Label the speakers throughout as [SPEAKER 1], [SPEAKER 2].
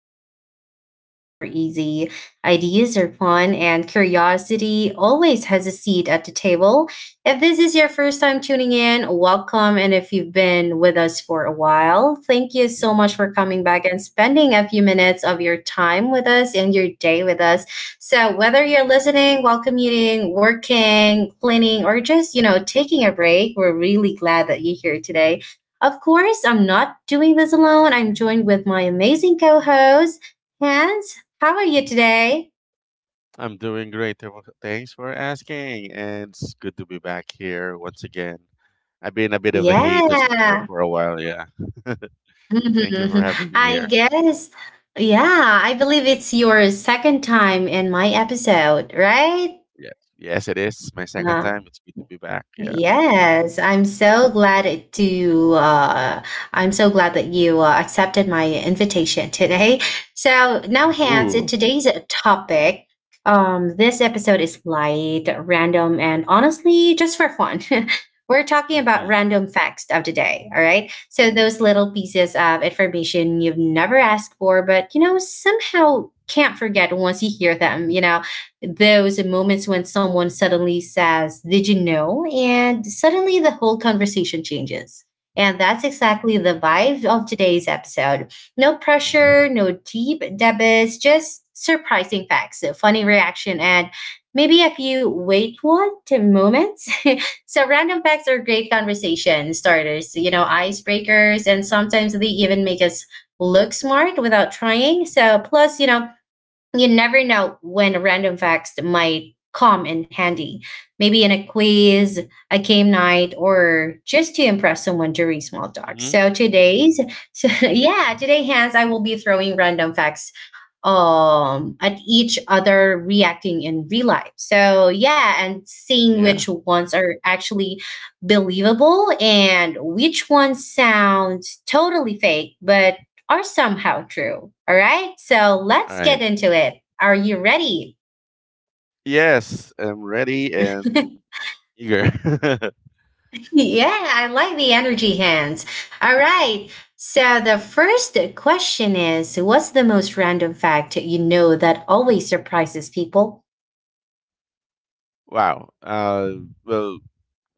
[SPEAKER 1] where conversation are easy, ideas are fun, and curiosity always has a seat at the table. If this is your first time tuning in, welcome. And if you've been with us for a while, thank you so much
[SPEAKER 2] Mm-hmm.
[SPEAKER 1] for coming back and spending a few minutes of your time with us and your day with us. So whether you're listening while commuting, working, cleaning, or just, taking a break, we're really glad that you're here today. Of course, I'm not doing this alone. I'm joined with my amazing co-host, Hans. How are you today?
[SPEAKER 2] I'm doing great. Thanks for asking. And it's good to be back here once again. I've been a bit of a hiatus for,
[SPEAKER 1] Yeah.
[SPEAKER 2] for a while, yeah. Thank you for
[SPEAKER 1] Mhm.
[SPEAKER 2] having me
[SPEAKER 1] I
[SPEAKER 2] here.
[SPEAKER 1] guess. Yeah, I believe it's your second time in my episode, right?
[SPEAKER 2] Yes, yes, it is my second
[SPEAKER 1] Uh,
[SPEAKER 2] time. It's good to be back. Yeah.
[SPEAKER 1] Yes, I'm so glad to I'm so glad that you accepted my invitation today. So now, Hans, in
[SPEAKER 2] Ooh.
[SPEAKER 1] today's topic, this episode is light, random, and honestly, just for fun. We're talking about
[SPEAKER 2] Mm-hmm.
[SPEAKER 1] random facts of the day, all right? So those little pieces of information you've never asked for, but you know somehow can't forget once you hear them. Those moments when someone suddenly says, did you know? And suddenly the whole conversation changes. And that's exactly the
[SPEAKER 2] Mm-hmm.
[SPEAKER 1] vibe of today's episode. No
[SPEAKER 2] Mm-hmm.
[SPEAKER 1] pressure, no deep debates, just surprising facts, a funny reaction, and maybe a few wait what moments. So random facts are great conversation starters, icebreakers, and sometimes they even make us look smart without trying. So plus, you never know when random facts might come in handy. Maybe in a quiz, a game night, or just to impress someone during small talk.
[SPEAKER 2] Mm-hmm. Mm-hmm.
[SPEAKER 1] So yeah, today, Hans, I will be throwing random facts at each other, reacting in real life. So yeah, and seeing which
[SPEAKER 2] Yeah.
[SPEAKER 1] ones are actually believable and which ones sound totally fake but are somehow true. All right, so
[SPEAKER 2] All
[SPEAKER 1] let's get
[SPEAKER 2] right.
[SPEAKER 1] into it. Are you ready?
[SPEAKER 2] Yes, I'm ready and eager.
[SPEAKER 1] Yeah, I like the energy, hands all right, so the first question is, what's the most random fact you know that always surprises people?
[SPEAKER 2] Wow. Well,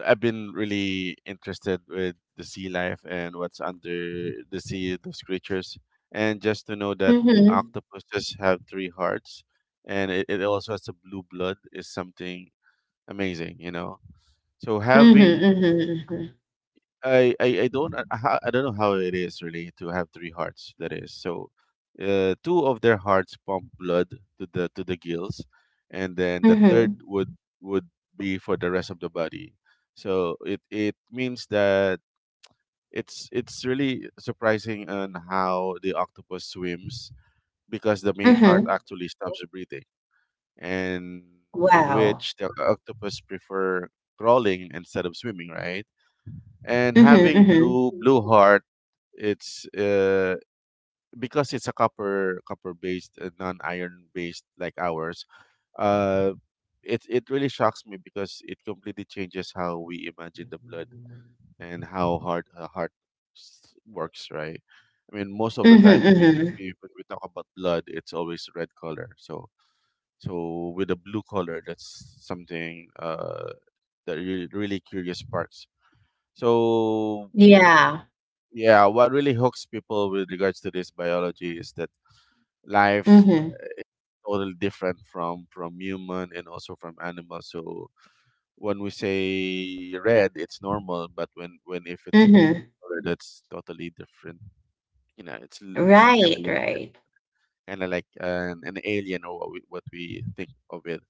[SPEAKER 2] I've been really interested with the sea life and what's under the sea, those creatures. And just to know that octopuses have three hearts and it also has a blue blood is something amazing. So
[SPEAKER 1] Mhm,
[SPEAKER 2] having
[SPEAKER 1] mhm, mhm.
[SPEAKER 2] I don't know how it is really to have three hearts. That is so. Two of their hearts pump blood to the gills, and then the third
[SPEAKER 1] Mhm.
[SPEAKER 2] would be for the rest of the body. So it means that it's really surprising on how the octopus swims, because the main heart
[SPEAKER 1] Mhm.
[SPEAKER 2] actually stops breathing, and in
[SPEAKER 1] Wow.
[SPEAKER 2] which the octopus prefer crawling instead of swimming, right? And
[SPEAKER 1] Mhm,
[SPEAKER 2] having
[SPEAKER 1] mhm.
[SPEAKER 2] blue heart, it's because it's a copper based, non iron based like ours uh it really shocks me because it completely changes how we imagine the blood and how hard a heart works, right? I mean, most of the
[SPEAKER 1] Mhm,
[SPEAKER 2] time when
[SPEAKER 1] mhm.
[SPEAKER 2] we talk about blood it's always red color, so with a blue color that's something that really, really curious sparks, so
[SPEAKER 1] Yeah.
[SPEAKER 2] yeah, what really hooks people with regards to this biology is that life
[SPEAKER 1] Mhm.
[SPEAKER 2] totally different from human and also from animals. So when we say red, it's normal, but when if it's a different
[SPEAKER 1] Mhm.
[SPEAKER 2] color, that's totally different. You know, it's it's kind of
[SPEAKER 1] Right,
[SPEAKER 2] limited,
[SPEAKER 1] right.
[SPEAKER 2] kind of like an alien, or what we think of it.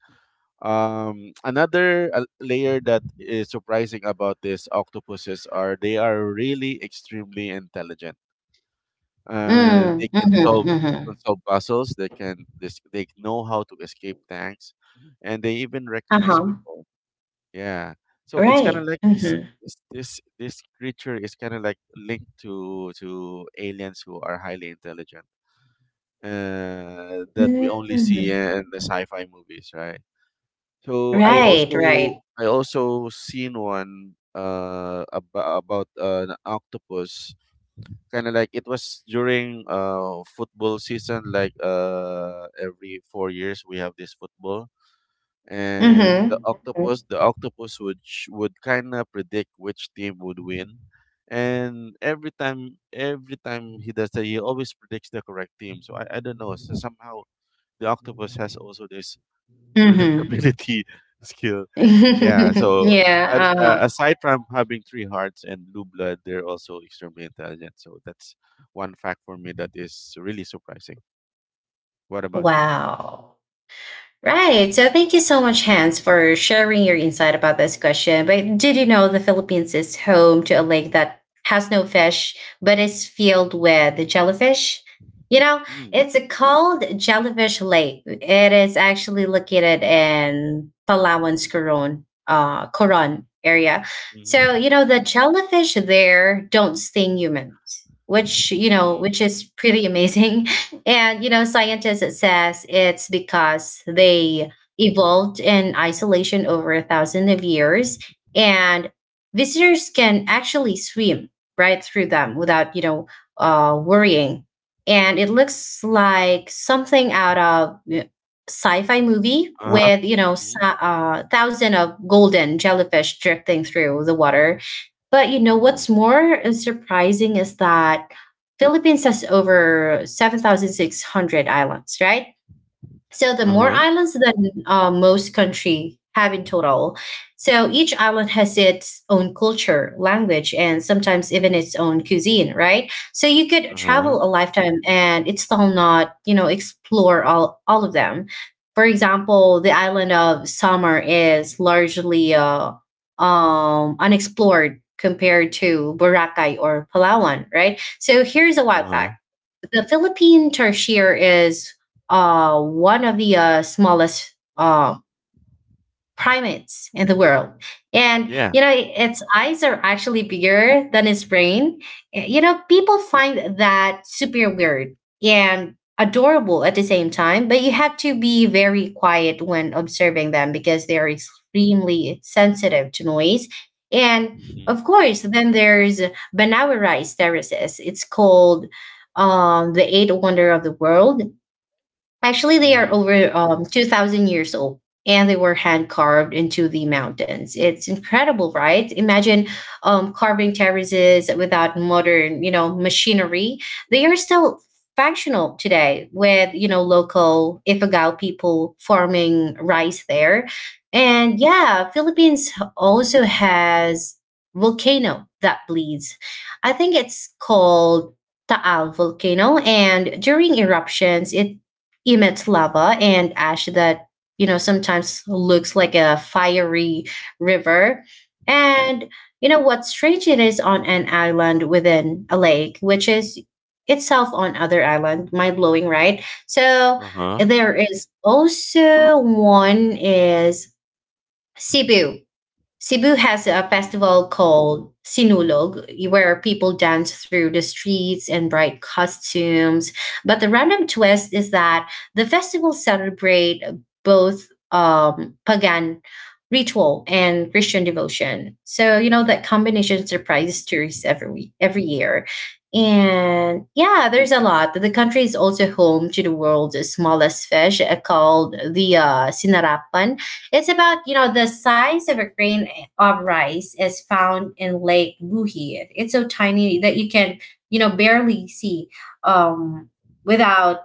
[SPEAKER 2] Another layer that is surprising about these octopuses are they are really extremely intelligent.
[SPEAKER 1] Mm.
[SPEAKER 2] They can
[SPEAKER 1] Mhm,
[SPEAKER 2] solve they can
[SPEAKER 1] mhm.
[SPEAKER 2] solve puzzles. They know how to escape tanks, and they even recognize
[SPEAKER 1] Uh-huh.
[SPEAKER 2] people. Yeah. So it's kind
[SPEAKER 1] Right.
[SPEAKER 2] of like this
[SPEAKER 1] Mhm.
[SPEAKER 2] creature is kind of like linked to aliens who are highly intelligent. That we only see
[SPEAKER 1] Mm.
[SPEAKER 2] in the sci-fi movies, right? So I
[SPEAKER 1] Right, right.
[SPEAKER 2] also seen one about an octopus, kind of like it was during football season. Like every 4 years we have this football, and the
[SPEAKER 1] Mhm.
[SPEAKER 2] octopus
[SPEAKER 1] Mhm.
[SPEAKER 2] the octopus would would kind of predict which team would win, and every time he does that he always predicts the correct team. So I don't know, so somehow the octopus has also this predictability skill. Yeah,
[SPEAKER 1] Mhm.
[SPEAKER 2] so
[SPEAKER 1] Yeah, uh-huh.
[SPEAKER 2] aside from having three hearts and blue blood, they're also extremely intelligent. So that's one fact for me that is really surprising. What about you?
[SPEAKER 1] Wow. Right. So thank you so much, Hans, for sharing your insight about this question. But did you know the Philippines is home to a lake that has no fish, but is filled with jellyfish? You know,
[SPEAKER 2] Mm,
[SPEAKER 1] it's called Jellyfish Lake. It is actually located in Palawan's Coron area.
[SPEAKER 2] mm-hmm,
[SPEAKER 1] So, the jellyfish there don't sting humans, which, you know,
[SPEAKER 2] mm,
[SPEAKER 1] which is pretty amazing. And, scientists it says it's because they evolved in isolation over 1,000 of years, and visitors can actually swim right through them without, worrying. And it looks like something out of sci-fi movie
[SPEAKER 2] uh-huh, huh,
[SPEAKER 1] with,
[SPEAKER 2] mm.
[SPEAKER 1] thousand of golden jellyfish drifting through the water. But you know what's
[SPEAKER 2] Oh,
[SPEAKER 1] more surprising is that Philippines has over 7,600 islands, right? So the more
[SPEAKER 2] uh-huh,
[SPEAKER 1] islands than most country have in total. So each island has its own culture, language, and sometimes even its own cuisine, right? So you could
[SPEAKER 2] uh-huh,
[SPEAKER 1] travel a lifetime and it's still not, explore all of them. For example, the island of Summer is largely unexplored compared to Boracay or Palawan, right? So here's a wild fact.
[SPEAKER 2] uh-huh.
[SPEAKER 1] The Philippine tarsier is one of the smallest primates in the world. And,
[SPEAKER 2] Yeah.
[SPEAKER 1] its eyes are actually bigger than its brain. People find that super weird and adorable at the same time, but you have to be very quiet when observing them because they are extremely sensitive to noise. And
[SPEAKER 2] Mm-hmm,
[SPEAKER 1] of course, then there's Banaurai terraces. It's called the Eighth wonder of the world. Actually, they are
[SPEAKER 2] mm-hmm,
[SPEAKER 1] over 2,000 years old, and they were hand carved into the mountains. It's incredible, right? Imagine carving terraces without modern, machinery. They are still functional today with, local Ifugao people farming rice there. And yeah, Philippines also has volcano that bleeds. I think it's called Taal volcano, and during eruptions it emits lava and ash that sometimes looks like a fiery river. And you know what's strange, it is on an island within a lake which is itself on other island. Mind blowing, right? So
[SPEAKER 2] uh-huh.
[SPEAKER 1] there is also one is Cebu. Cebu has a
[SPEAKER 2] Mm,
[SPEAKER 1] festival called Sinulog, where people dance through the streets in bright costumes. But the random twist is that the festival celebrate both pagan ritual and Christian devotion. So that
[SPEAKER 2] mm-hmm,
[SPEAKER 1] combination surprises tourists every year. And yeah, there's a lot. The country is also home to the world's smallest fish called the Sinarapan. It's about, the size of a grain of rice, is found in Lake Buhi. It's so tiny that you can, barely see um, without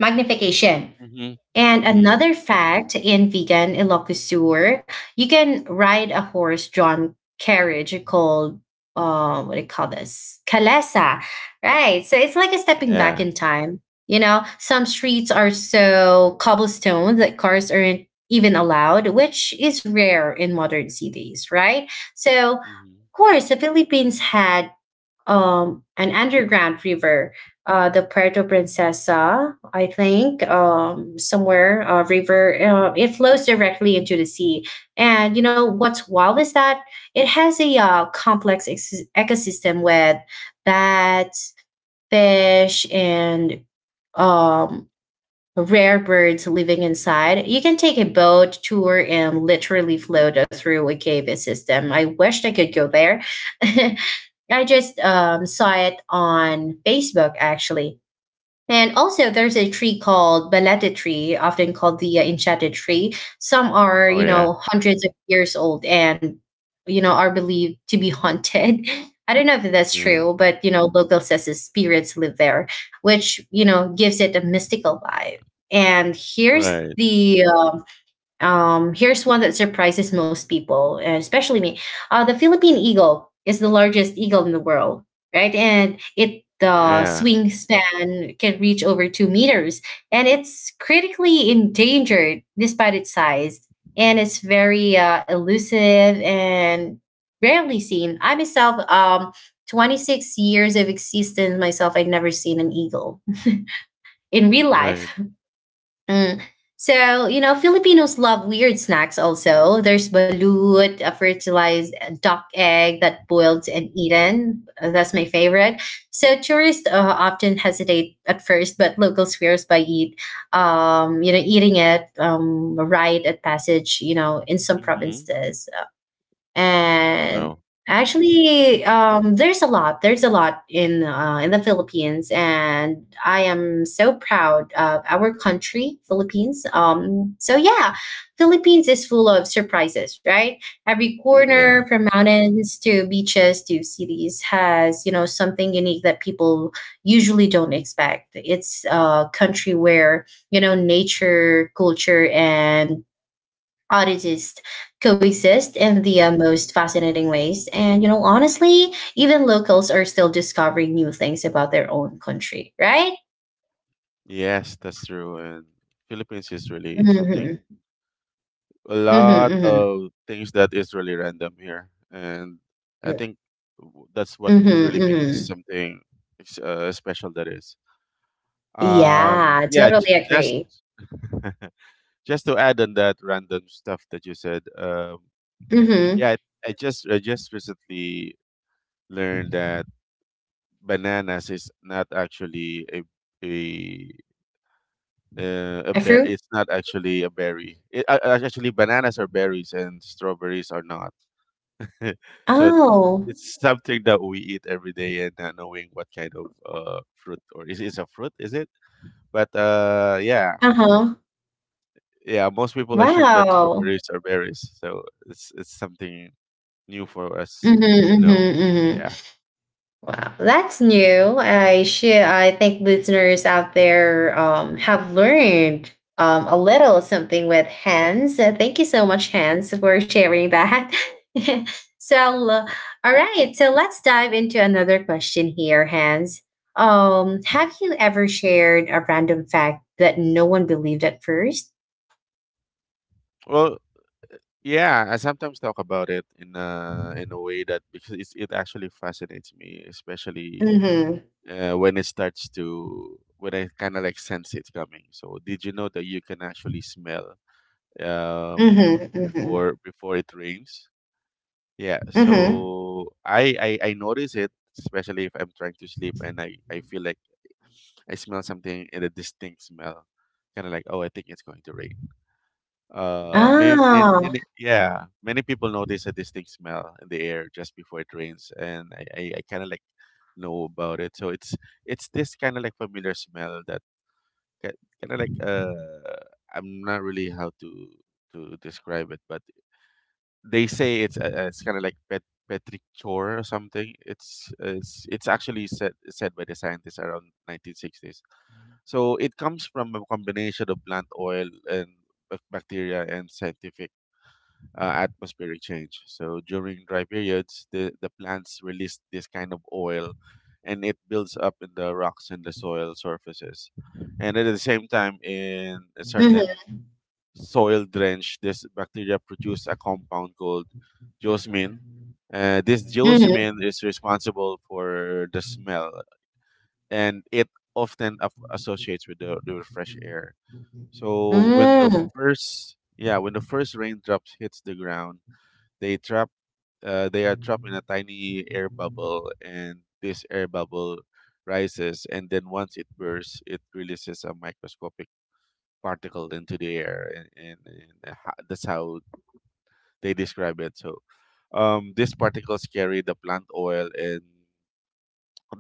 [SPEAKER 1] magnification.
[SPEAKER 2] mm-hmm,
[SPEAKER 1] And
[SPEAKER 2] mm-hmm.
[SPEAKER 1] another fact, in vegan Ilocosur, you can ride a horse-drawn carriage called what do you call this? Kalesa, right? So it's like a stepping back
[SPEAKER 2] Yeah.
[SPEAKER 1] in time. Some streets are so cobblestone that cars aren't even allowed, which is rare in modern cities, right? So, of
[SPEAKER 2] Mm-hmm,
[SPEAKER 1] course, the Philippines had an underground river, the Puerto Princesa, I think, somewhere river. It flows directly into the sea, and you know what's wild is that it has a complex ecosystem with bats, fish, and um, rare birds living inside. You can take a boat tour and literally float through a cave system. I wish I could go
[SPEAKER 2] mm-hmm.
[SPEAKER 1] there. I just saw it on Facebook actually. And also, there's a tree called Balete tree, often called the enchanted tree. Some are,
[SPEAKER 2] Oh, yeah.
[SPEAKER 1] hundreds of years old and, are believed to be haunted. I don't know if that's
[SPEAKER 2] Mm.
[SPEAKER 1] true, but, local says his spirits live there, which, gives it a mystical vibe. And
[SPEAKER 2] Right.
[SPEAKER 1] the um, here's one that surprises most people, and especially me. The Philippine eagle is the largest eagle in the world, right? And it the
[SPEAKER 2] Yeah.
[SPEAKER 1] swing span can reach over 2 meters, and it's critically endangered despite its size. And it's very elusive and rarely seen. I myself, 26 years of existence myself, I'd never seen an eagle in real
[SPEAKER 2] Right.
[SPEAKER 1] life. Mm. So, Filipinos love weird snacks also. There's balut, a fertilized duck egg that boiled and eaten. That's my favorite. So, tourists often hesitate at first, but locals swears by eating it right at passage, in some
[SPEAKER 2] Mm-hmm.
[SPEAKER 1] provinces. And
[SPEAKER 2] Well,
[SPEAKER 1] actually there's a lot, in the philippines, and I am so proud of our country philippines,
[SPEAKER 2] mm,
[SPEAKER 1] so yeah, philippines is full of surprises, right? Every
[SPEAKER 2] yeah.
[SPEAKER 1] corner, from mountains to beaches to cities, has something unique that people usually don't expect. It's a country where nature, culture, and artists coexist
[SPEAKER 2] Mhm.
[SPEAKER 1] in the most fascinating ways. And, honestly, even locals are still discovering new things about their own country, right?
[SPEAKER 2] Yes, that's true. And Philippines is really something,
[SPEAKER 1] Hmm,
[SPEAKER 2] a
[SPEAKER 1] hmm.
[SPEAKER 2] lot
[SPEAKER 1] Hmm,
[SPEAKER 2] of things that is really random here. And I think that's what
[SPEAKER 1] hmm,
[SPEAKER 2] really makes us
[SPEAKER 1] hmm.
[SPEAKER 2] something special, that is.
[SPEAKER 1] Yeah,
[SPEAKER 2] Yeah,
[SPEAKER 1] totally
[SPEAKER 2] just
[SPEAKER 1] agree.
[SPEAKER 2] just to add on that random stuff that you said.
[SPEAKER 1] Hmm.
[SPEAKER 2] Yeah, I just recently learned that bananas is not actually a a
[SPEAKER 1] A
[SPEAKER 2] bear.
[SPEAKER 1] fruit?
[SPEAKER 2] It's not actually a berry. Actually, bananas are berries and strawberries are not. So
[SPEAKER 1] Oh,
[SPEAKER 2] it's something that we eat every day and not knowing what kind of, fruit — or is it's a fruit? Is it? But yeah,
[SPEAKER 1] uh-huh.
[SPEAKER 2] yeah. Most people assume that
[SPEAKER 1] Wow.
[SPEAKER 2] strawberries are berries. So it's something new for us.
[SPEAKER 1] Hmm, hmm,
[SPEAKER 2] No.
[SPEAKER 1] hmm.
[SPEAKER 2] Yeah.
[SPEAKER 1] Wow, that's new. I should. I think listeners out there have learned a little something with Hans. Thank you so much, Hans, for sharing that. So, all right. So let's dive into another question here, Hans. Um,
[SPEAKER 2] Mm.
[SPEAKER 1] have you ever shared a random fact that no one believed at first?
[SPEAKER 2] Well, yeah, I sometimes talk about it in a way, that because it actually fascinates me, especially
[SPEAKER 1] Mm-hmm.
[SPEAKER 2] when it starts, to when I kind of like sense it's coming. So did you know that you can actually smell, um,
[SPEAKER 1] Mm-hmm. Mm-hmm.
[SPEAKER 2] before it rains? Yeah.
[SPEAKER 1] Mm-hmm.
[SPEAKER 2] So I notice it, especially if I'm trying to sleep and I feel like I smell something, in a distinct smell, kind of like, oh, I think it's going to rain. Uh, many,
[SPEAKER 1] Oh.
[SPEAKER 2] yeah, many people notice a distinct smell in the air just before it rains, and I kind of like know about it. So it's this kind of like familiar smell, that kind of like, I'm not really how to describe it, but they say it's kind of like petrichor or something. It's actually said by the scientists around 1960s. So it comes from a combination of plant oil and bacteria and scientific, atmospheric change. So during dry periods, the plants release this kind of oil and it builds up in the rocks and the soil surfaces. And at the same time, in a certain
[SPEAKER 1] Mm-hmm.
[SPEAKER 2] soil drench, this bacteria produce a compound called geosmin. This
[SPEAKER 1] Mm-hmm.
[SPEAKER 2] geosmin is responsible for the smell, and it often associates with the fresh air. So when the
[SPEAKER 1] Mm.
[SPEAKER 2] first yeah, when the first raindrops hits the ground, they trap they are trapped in a tiny air bubble, and this air bubble rises, and then once it bursts it releases a microscopic particle into the air. And that's how they describe it. So, these particles carry the plant oil and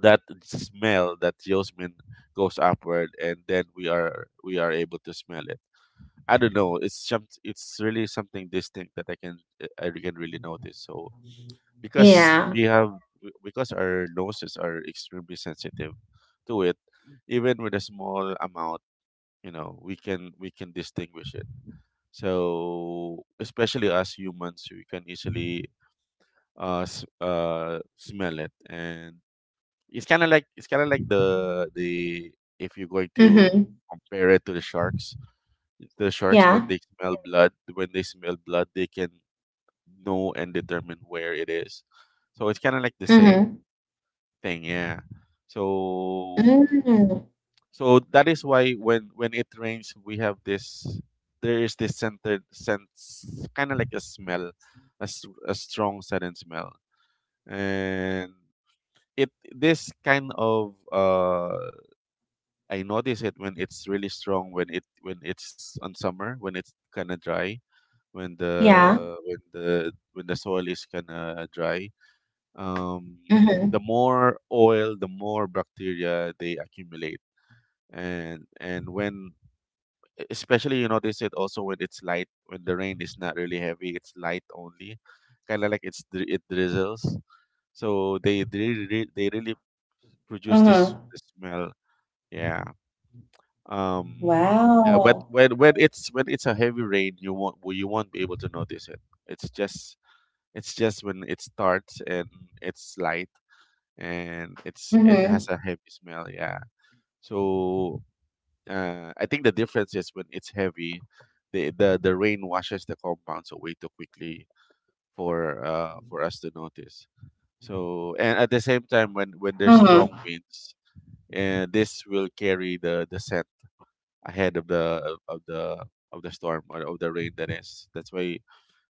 [SPEAKER 2] that smell, that jasmine, goes upward, and then we are able to smell it. I don't know, it's really something distinct that I can really notice. So, because
[SPEAKER 1] Yeah.
[SPEAKER 2] we have because our noses are extremely sensitive to it. Even with a small amount, we can distinguish it. So, especially us humans, we can easily, smell it. And it's kind of like, the if you're going to
[SPEAKER 1] Mm-hmm.
[SPEAKER 2] compare it to the sharks, when
[SPEAKER 1] Ja.
[SPEAKER 2] they smell blood, they can know and determine where it is. So it's kind of like the same
[SPEAKER 1] Mhm.
[SPEAKER 2] thing, yeah. so
[SPEAKER 1] Yeah.
[SPEAKER 2] so that is why when it rains we have this, there is this scented sense, kind of like a smell, a strong sudden smell. And it, this kind of, I notice it when it's really strong, when it's on summer, when it's kind of dry, when the
[SPEAKER 1] Ja.
[SPEAKER 2] when the when the soil is kind of dry. um the
[SPEAKER 1] Mhm.
[SPEAKER 2] more oil, the more bacteria they accumulate. And when, especially, you notice it also when it's light, when the rain is not really heavy, it's light only, kind of like it's it drizzles. So they, they really produce this,
[SPEAKER 1] Mhm.
[SPEAKER 2] this smell, yeah. Um uh, but
[SPEAKER 1] Wow.
[SPEAKER 2] when when it's a heavy rain you won't, well, you won't be able to notice it. It's just, when it starts and it's light, and it has
[SPEAKER 1] Mhm.
[SPEAKER 2] a heavy smell, yeah. So, I think the difference is when it's heavy, the rain washes the compounds away too quickly for us to notice. So, and at the same time, when there's
[SPEAKER 1] Mhm.
[SPEAKER 2] strong winds, and this will carry the scent ahead of the storm, or of the rain, that is. That's why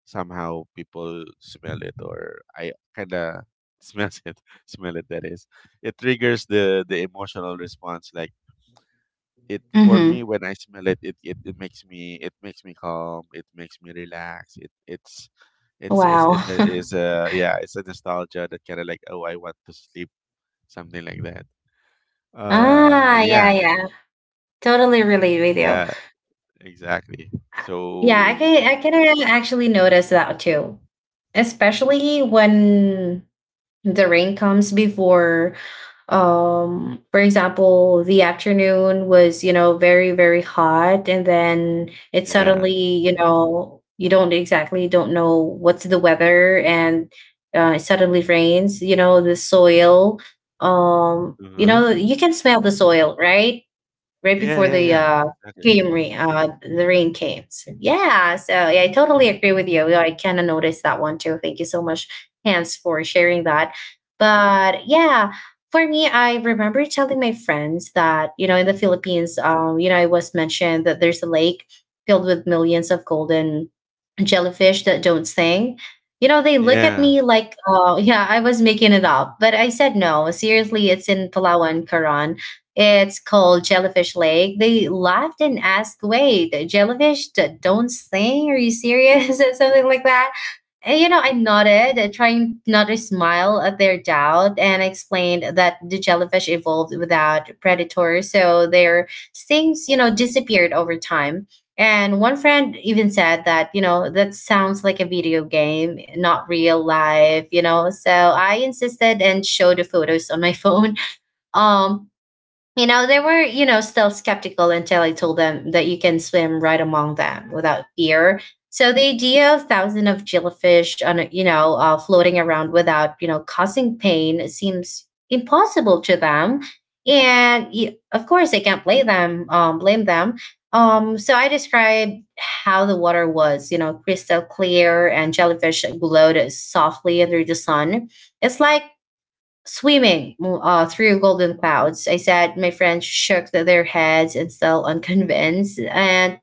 [SPEAKER 2] somehow people smell it, or I kind of smells it, smell it. That is, it triggers the emotional response. Like, it, for me,
[SPEAKER 1] Mhm.
[SPEAKER 2] when I smell it makes me, calm. It makes me relax. It it's it's it's
[SPEAKER 1] Wow.
[SPEAKER 2] it's a, it's a yeah it's a nostalgia, that kind of like, oh, I want to sleep, something like that.
[SPEAKER 1] Ah,
[SPEAKER 2] Yeah.
[SPEAKER 1] yeah, yeah. Totally relate with you.
[SPEAKER 2] Yeah, exactly.
[SPEAKER 1] Yeah,
[SPEAKER 2] So,
[SPEAKER 1] I can a actually notice that too, especially when the rain comes before. For example, the afternoon was very very hot, and then
[SPEAKER 2] mm,
[SPEAKER 1] it
[SPEAKER 2] yeah,
[SPEAKER 1] suddenly, you don't exactly don't know what's the weather, and it suddenly rains. The soil,
[SPEAKER 2] uh-huh.
[SPEAKER 1] you can smell the soil right right
[SPEAKER 2] Yeah,
[SPEAKER 1] before
[SPEAKER 2] yeah, yeah, exactly.
[SPEAKER 1] the rain came. So yeah, I totally agree with you. I kind of noticed that one too. Thank you so much, Hans, for sharing
[SPEAKER 2] Mm,
[SPEAKER 1] that. But yeah, for me, I remember telling my friends that, in the philippines, it was mentioned that there's a lake filled with millions of golden jellyfish that don't sing. They look at
[SPEAKER 2] yeah.
[SPEAKER 1] me like, oh yeah, I was making it up, but I said, no,
[SPEAKER 2] Mm,
[SPEAKER 1] seriously, it's in palawan karan. It's called
[SPEAKER 2] mm,
[SPEAKER 1] Jellyfish Lake. They laughed and asked, "Wait, the jellyfish that don't sing? Are you serious?" And something like that. And, I nodded, trying not to smile at their doubt, and I explained that the jellyfish evolved without predators, so their stings, disappeared over time. And one friend even said that, that sounds like a video game, not real life. So I insisted and showed the photos on my phone. Um, they were, still skeptical until I told them that you can swim right among them without fear. So the idea of thousands of jellyfish on, floating around without, causing pain seems impossible to them. And of course, I can't blame them. Blame them. So I described how the water was, crystal clear, and jellyfish glowed softly under the sun. It's like swimming through golden clouds, I said. My friends shook their heads and still unconvinced. And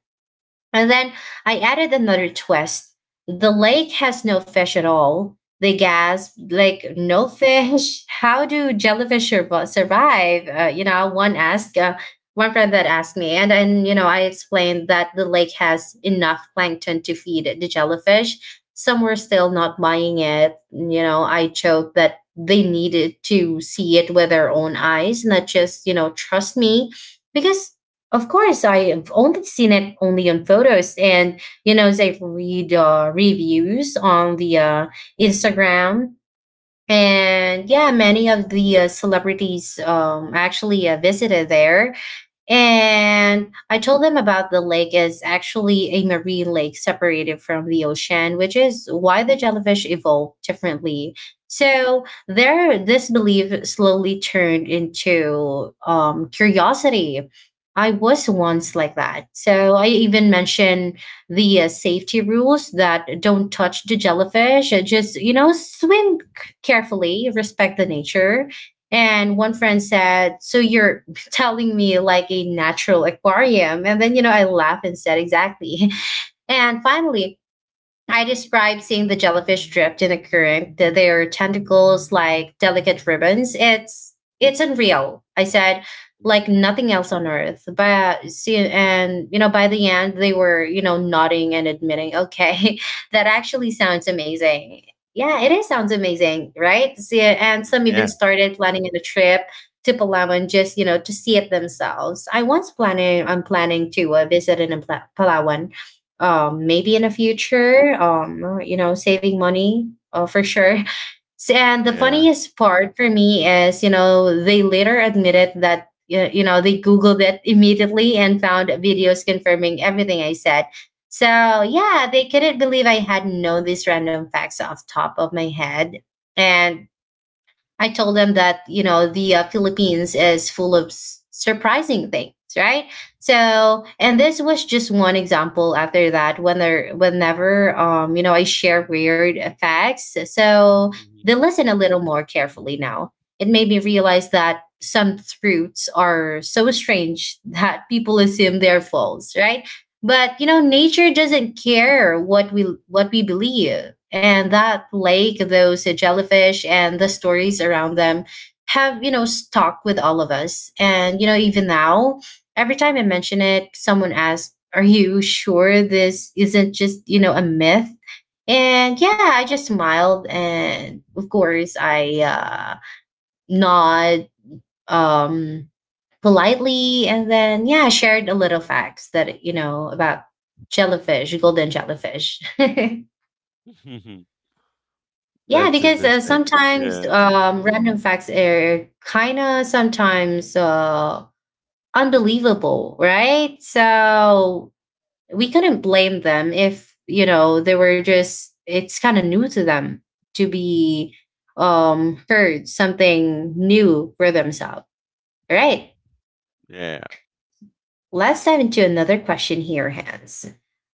[SPEAKER 1] and then I added another twist. The lake has no fish at all. They gasped, like, "No fish? How do jellyfish survive?" One asked, one friend that asked me. And then, I explained that the lake has enough plankton to feed the jellyfish. Some were still not buying it. I joked that they needed to see it with their own eyes, not just, trust me. Because of course, I've only seen it only on photos, and you know, they read reviews on the Instagram, and yeah, many of the celebrities actually visited there, and I told them about the lake is actually a marine lake separated from the ocean, which is why the jellyfish evolved differently. So their this belief slowly turned into curiosity. I was once like that. So I even mentioned the safety rules that don't touch the jellyfish. Just, swim carefully, respect the nature. And one
[SPEAKER 2] mhm,
[SPEAKER 1] friend said, "So you're telling me like a natural aquarium." And then, I laugh and said, "Exactly." And finally, I describe seeing the jellyfish drift in a current, their tentacles like delicate ribbons. It's unreal, I said, like
[SPEAKER 2] mhm,
[SPEAKER 1] nothing else on earth. But see, and you know, by the end, they were you know nodding and admitting, "Okay, that actually sounds amazing." Yeah, it is sounds amazing, right? See, and
[SPEAKER 2] mhm.
[SPEAKER 1] some even
[SPEAKER 2] Yeah.
[SPEAKER 1] started planning on a trip to Palawan just you know to see it themselves. I once planning I'm
[SPEAKER 2] Mhm.
[SPEAKER 1] planning to visit in Palawan maybe in the future, saving money for sure. And the
[SPEAKER 2] Yeah.
[SPEAKER 1] funniest part for me is, they later admitted that, they Googled it immediately and found videos confirming everything I said. So, yeah, they couldn't believe I had known these random facts off top of my head. And I told them that you know the Philippines is full of surprising things, right? So, and this was just one example. After that, whenever I share weird facts, so
[SPEAKER 2] Mhm,
[SPEAKER 1] they listen a little more carefully now. It made me realize that some truths are so strange that people assume they're false, right? But you know nature doesn't care what we believe, and that lake, those jellyfish and the stories around them have you know stuck with all of us, and you know, even now every time I mention it, someone asks, "Are you sure this isn't just, you know, a myth?" And yeah, I just smiled and of course I nod, um politely, and then yeah shared a little facts that you know about jellyfish, golden jellyfish. Yeah,
[SPEAKER 2] mhm. That's
[SPEAKER 1] because
[SPEAKER 2] interesting.
[SPEAKER 1] sometimes
[SPEAKER 2] Yeah.
[SPEAKER 1] random facts are kind of sometimes unbelievable, right? So we couldn't blame them if you know they were just it's kind of new to them to be heard something new for themselves, right?
[SPEAKER 2] Yeah.
[SPEAKER 1] Let's dive into another question here, Hans.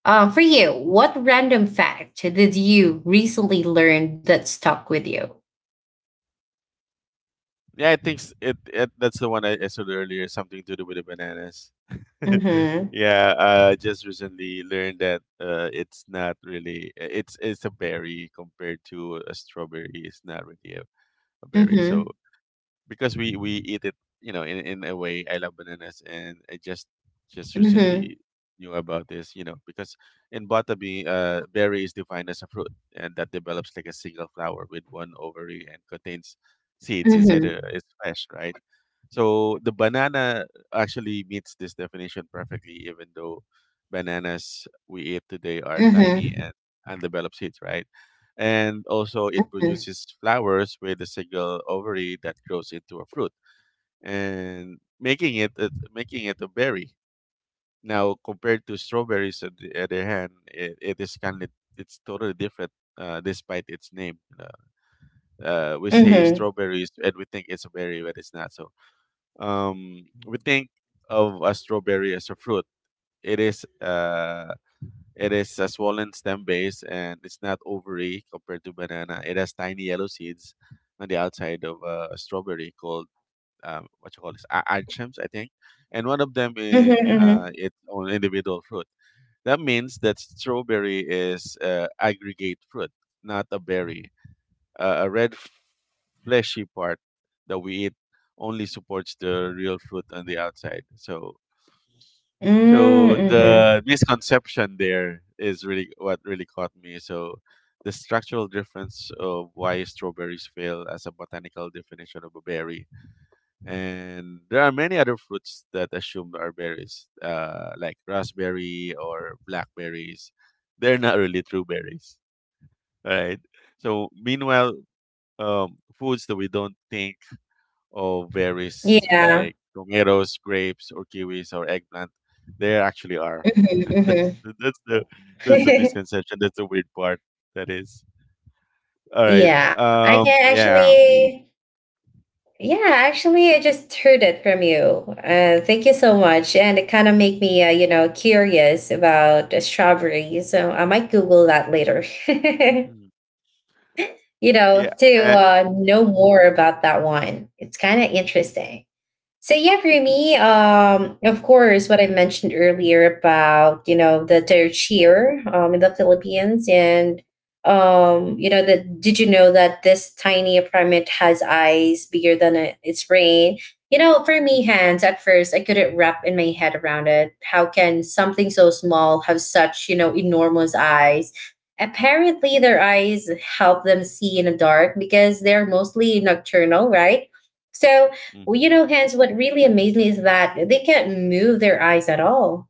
[SPEAKER 1] For you, what random fact did you recently learn that stuck with you?
[SPEAKER 2] Yeah, I think it, it that's the one I said earlier, something to do with the bananas.
[SPEAKER 1] Mm-hmm.
[SPEAKER 2] Yeah, just recently learned that, it's not really it's a berry compared to a strawberry. It's not really a berry. So
[SPEAKER 1] Mm-hmm.
[SPEAKER 2] because we eat it you know, in a way, I love bananas and I just
[SPEAKER 1] Mm-hmm.
[SPEAKER 2] recently knew about this, you know, because in botany, berry is defined as a fruit and that develops like a single flower with one ovary and contains seeds inside
[SPEAKER 1] Mm-hmm.
[SPEAKER 2] its flesh, right? So the banana actually meets this definition perfectly, even though bananas we eat today are
[SPEAKER 1] Mm-hmm.
[SPEAKER 2] tiny and undeveloped seeds, right? And also it produces flowers with a single ovary that grows into a fruit, and making it a berry. Now, compared to strawberries, on the other hand, it is kind of, it's totally different. Despite its name, we say
[SPEAKER 1] Mm-hmm.
[SPEAKER 2] strawberries and we think it's a berry, but it's not. So we think of a strawberry as a fruit. it is uh, it is a swollen stem base and it's not ovary compared to banana. It has tiny yellow seeds on the outside of a strawberry called, what you call this, anchems, I think. And one of them is
[SPEAKER 1] Mm-hmm.
[SPEAKER 2] its own individual fruit. That means that strawberry is aggregate fruit, not a berry. A red fleshy part that we eat only supports the real fruit on the outside. So so
[SPEAKER 1] Mm-hmm.
[SPEAKER 2] the misconception there is really what really caught me. So the structural difference of why strawberries fail as a botanical definition of a berry. And there are many other fruits that assume are berries, like raspberry or blackberries. They're not really true berries, right? So meanwhile, foods that we don't think of berries,
[SPEAKER 1] Yeah.
[SPEAKER 2] like tomatoes, grapes, or kiwis or eggplant. There actually are. that's,
[SPEAKER 1] Mm-hmm.
[SPEAKER 2] the- that's the that's the
[SPEAKER 1] Mm-hmm.
[SPEAKER 2] misconception. That's the weird part. That is all right.
[SPEAKER 1] Yeah. I can
[SPEAKER 2] Yeah.
[SPEAKER 1] actually. Yeah, actually, I just heard it from you. Thank you so much, and it kind of made me, curious about strawberries. So I might Google that later.
[SPEAKER 2] Mhm.
[SPEAKER 1] You
[SPEAKER 2] Yeah.
[SPEAKER 1] know, to
[SPEAKER 2] Uh, mm,
[SPEAKER 1] know more about that one. It's kind of interesting. So yeah, for me, of course, what I mentioned earlier about you know the their in the Philippines, and you know, that did you know that this tiny apartment has eyes bigger than a, its brain? You know, for me, hands at first I couldn't wrap in my
[SPEAKER 2] mhm,
[SPEAKER 1] head around it. How can something so small have such you know enormous eyes? Apparently, their eyes help them see in the dark because they're mostly nocturnal, right? So well, you
[SPEAKER 2] mhm.
[SPEAKER 1] know, hence what really amazed me is that they can't move their eyes at all.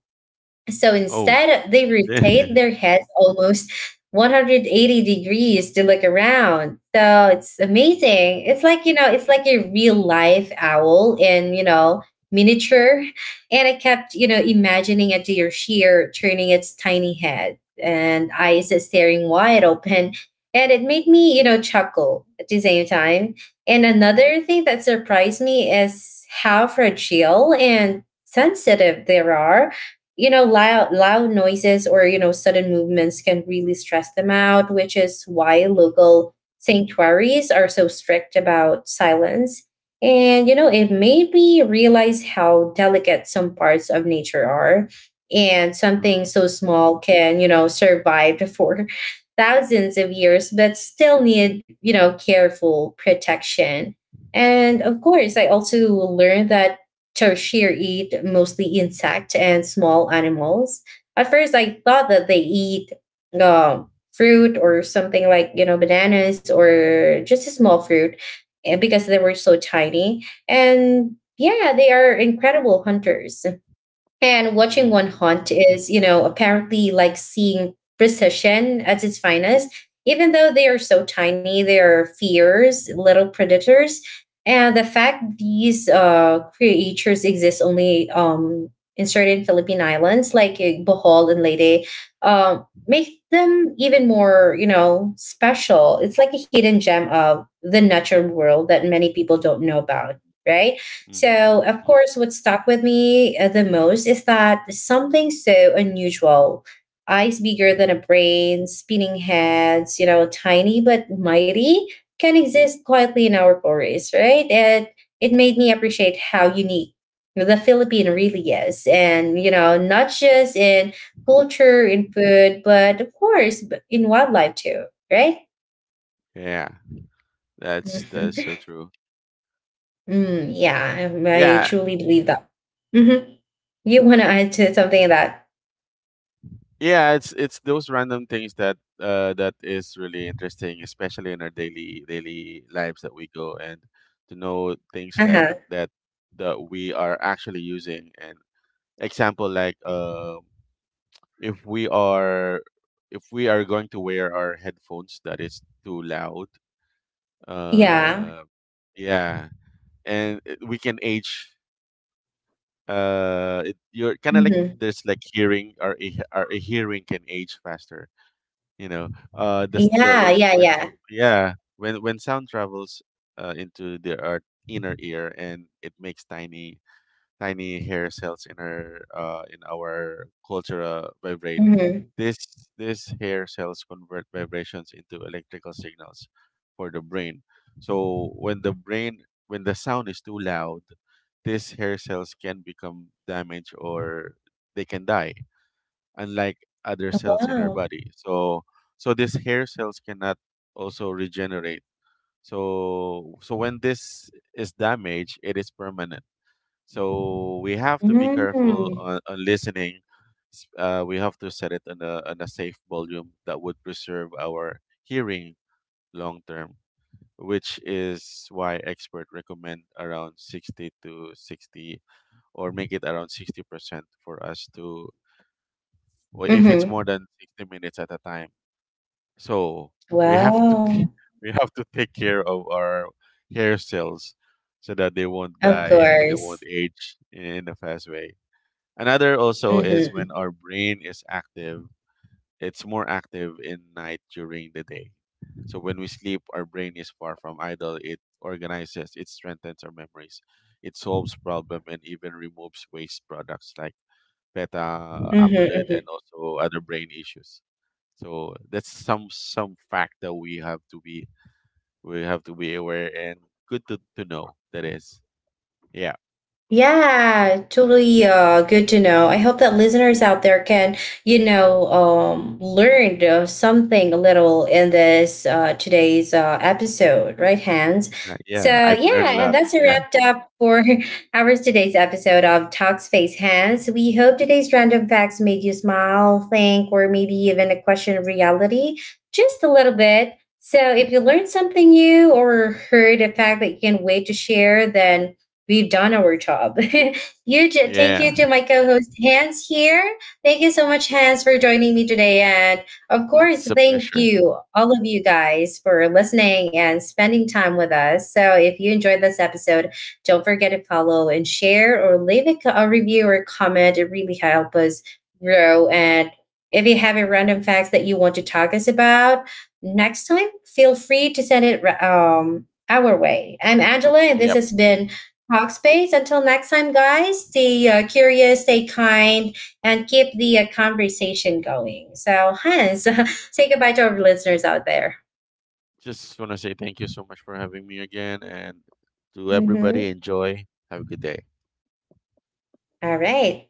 [SPEAKER 1] So
[SPEAKER 2] Oh,
[SPEAKER 1] instead, they
[SPEAKER 2] yeah.
[SPEAKER 1] rotate their heads almost 180 degrees to look around. So it's
[SPEAKER 2] Mm,
[SPEAKER 1] amazing. It's like, you know, it's like a real life owl in, you know, miniature. And I kept, you know, imagining a deer sheer turning its tiny head and eyes staring wide open. And it made me, you know, chuckle at the same time. And another thing that surprised me is how fragile and sensitive they are, you know, loud noises or you know sudden movements can really stress them out, which is why
[SPEAKER 2] mhm,
[SPEAKER 1] local sanctuaries are so strict about silence. And you know, it
[SPEAKER 2] mhm.
[SPEAKER 1] made me realize how delicate some parts of nature are, and something
[SPEAKER 2] Uh,
[SPEAKER 1] so small can you know survive for thousands of years but still need you know careful protection. And of course, I also learned that tertiary eat mostly insect and small animals. At first, I thought that they eat fruit or something like you know bananas or just a small fruit, eh, because they were so tiny. And yeah, they are incredible hunters. And watching
[SPEAKER 2] mm,
[SPEAKER 1] one haunt is, you know, apparently like seeing precision at its finest. Even though they are so tiny, they are fierce little predators. And the fact these creatures exist only in certain Philippine islands, like Bohol and Leyte, uh, make them even more, you know, special. It's like a hidden gem of the natural world that many people don't know about, right?
[SPEAKER 2] mhm,
[SPEAKER 1] So, of
[SPEAKER 2] mhm.
[SPEAKER 1] course, what stuck with me the most is that something so unusual, eyes bigger than a brain, spinning heads, you know, tiny but mighty, can exist quietly in our forests, right? And it made me appreciate how unique the Philippine really is. And, you know, not just in culture, in food, but of course, in wildlife too, right?
[SPEAKER 2] Yeah, that's so true.
[SPEAKER 1] Mm, yeah, I
[SPEAKER 2] Yeah.
[SPEAKER 1] truly believe that. Mhm. You want to add to something that,
[SPEAKER 2] Yeah, it's those random things that that is really interesting, especially in our daily daily lives that we go and to know things like
[SPEAKER 1] uh-huh.
[SPEAKER 2] that that we are actually using. And example, like if we are, if we are going to wear our headphones that is too loud,
[SPEAKER 1] Yeah.
[SPEAKER 2] uh yeah, and we can age. You're kind of like
[SPEAKER 1] Mm-hmm.
[SPEAKER 2] there's like hearing our hearing can age faster, you know. The, s- the
[SPEAKER 1] Yeah, yeah,
[SPEAKER 2] when
[SPEAKER 1] yeah.
[SPEAKER 2] Yeah, when sound travels into the our inner ear and it makes tiny hair cells in our culture vibrate.
[SPEAKER 1] Mm-hmm.
[SPEAKER 2] This These hair cells convert vibrations into electrical signals for the brain. So when the sound is too loud, these hair cells can become damaged, or they can die, unlike other cells in our
[SPEAKER 1] Wow.
[SPEAKER 2] body. So so these hair cells cannot also regenerate. So so when this is damaged, it is permanent. So we have to be careful
[SPEAKER 1] Mm-hmm.
[SPEAKER 2] on listening. We have to set it on a safe volume that would preserve our hearing long term, which is why expert recommend around 60, or make it around 60%, for us to, well, if it's
[SPEAKER 1] Mm-hmm.
[SPEAKER 2] more than 60 minutes at a time. So we have to,
[SPEAKER 1] Wow.
[SPEAKER 2] we have to take care of our hair cells so that they won't
[SPEAKER 1] Of
[SPEAKER 2] die and they won't
[SPEAKER 1] course.
[SPEAKER 2] age in a fast way. Another also is when
[SPEAKER 1] Mm-hmm.
[SPEAKER 2] our brain is active, it's more active in night during the day. So when we sleep, our brain is far from idle. It organizes, it strengthens our memories, it solves problem, and even removes waste products like beta
[SPEAKER 1] Mm-hmm.
[SPEAKER 2] amyloid and
[SPEAKER 1] Mm-hmm.
[SPEAKER 2] also other brain issues. So that's some fact that we have to be, we have to be aware and good to know that is. Yeah.
[SPEAKER 1] Yeah, totally good to know. I hope that listeners out there can, you know, learn something a little in this today's episode, right, Hans?
[SPEAKER 2] Exactly.
[SPEAKER 1] So,
[SPEAKER 2] Yeah. I've learned
[SPEAKER 1] yeah,
[SPEAKER 2] a
[SPEAKER 1] and
[SPEAKER 2] lot.
[SPEAKER 1] that's a
[SPEAKER 2] Yeah.
[SPEAKER 1] wrapped up for our today's episode of Talks Face Hands. We hope today's random facts made you smile, think, or maybe even a question of reality just a little bit. So, if you learned something new or heard a fact that you can wait to share, then we've done our job. Huge thank
[SPEAKER 2] Yeah.
[SPEAKER 1] you to my co host Hans here. Thank you so much, Hans, for joining me today. And of
[SPEAKER 2] It's
[SPEAKER 1] course,
[SPEAKER 2] a
[SPEAKER 1] thank
[SPEAKER 2] pleasure.
[SPEAKER 1] you, all of you guys, for listening and spending time with us. So if you enjoyed this episode, don't forget to follow and share or leave a, a review or comment. It really helps us grow. And if you have a random facts that you want to talk us about next time, feel free to send it our way. I'm Angela, and this
[SPEAKER 2] Yep.
[SPEAKER 1] has been Talk Space. Until next time, guys, stay curious, stay kind, and keep the conversation going. So, Hans, say goodbye to our listeners out there.
[SPEAKER 2] Just wanna say thank you so much for having me again, and to everybody
[SPEAKER 1] Mhm.
[SPEAKER 2] enjoy. Have a good day.
[SPEAKER 1] All right.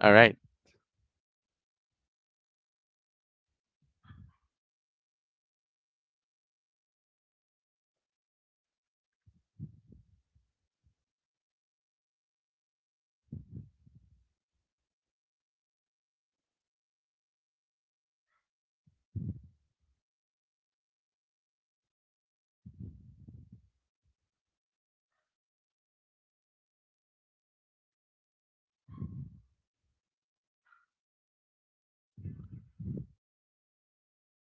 [SPEAKER 2] All right.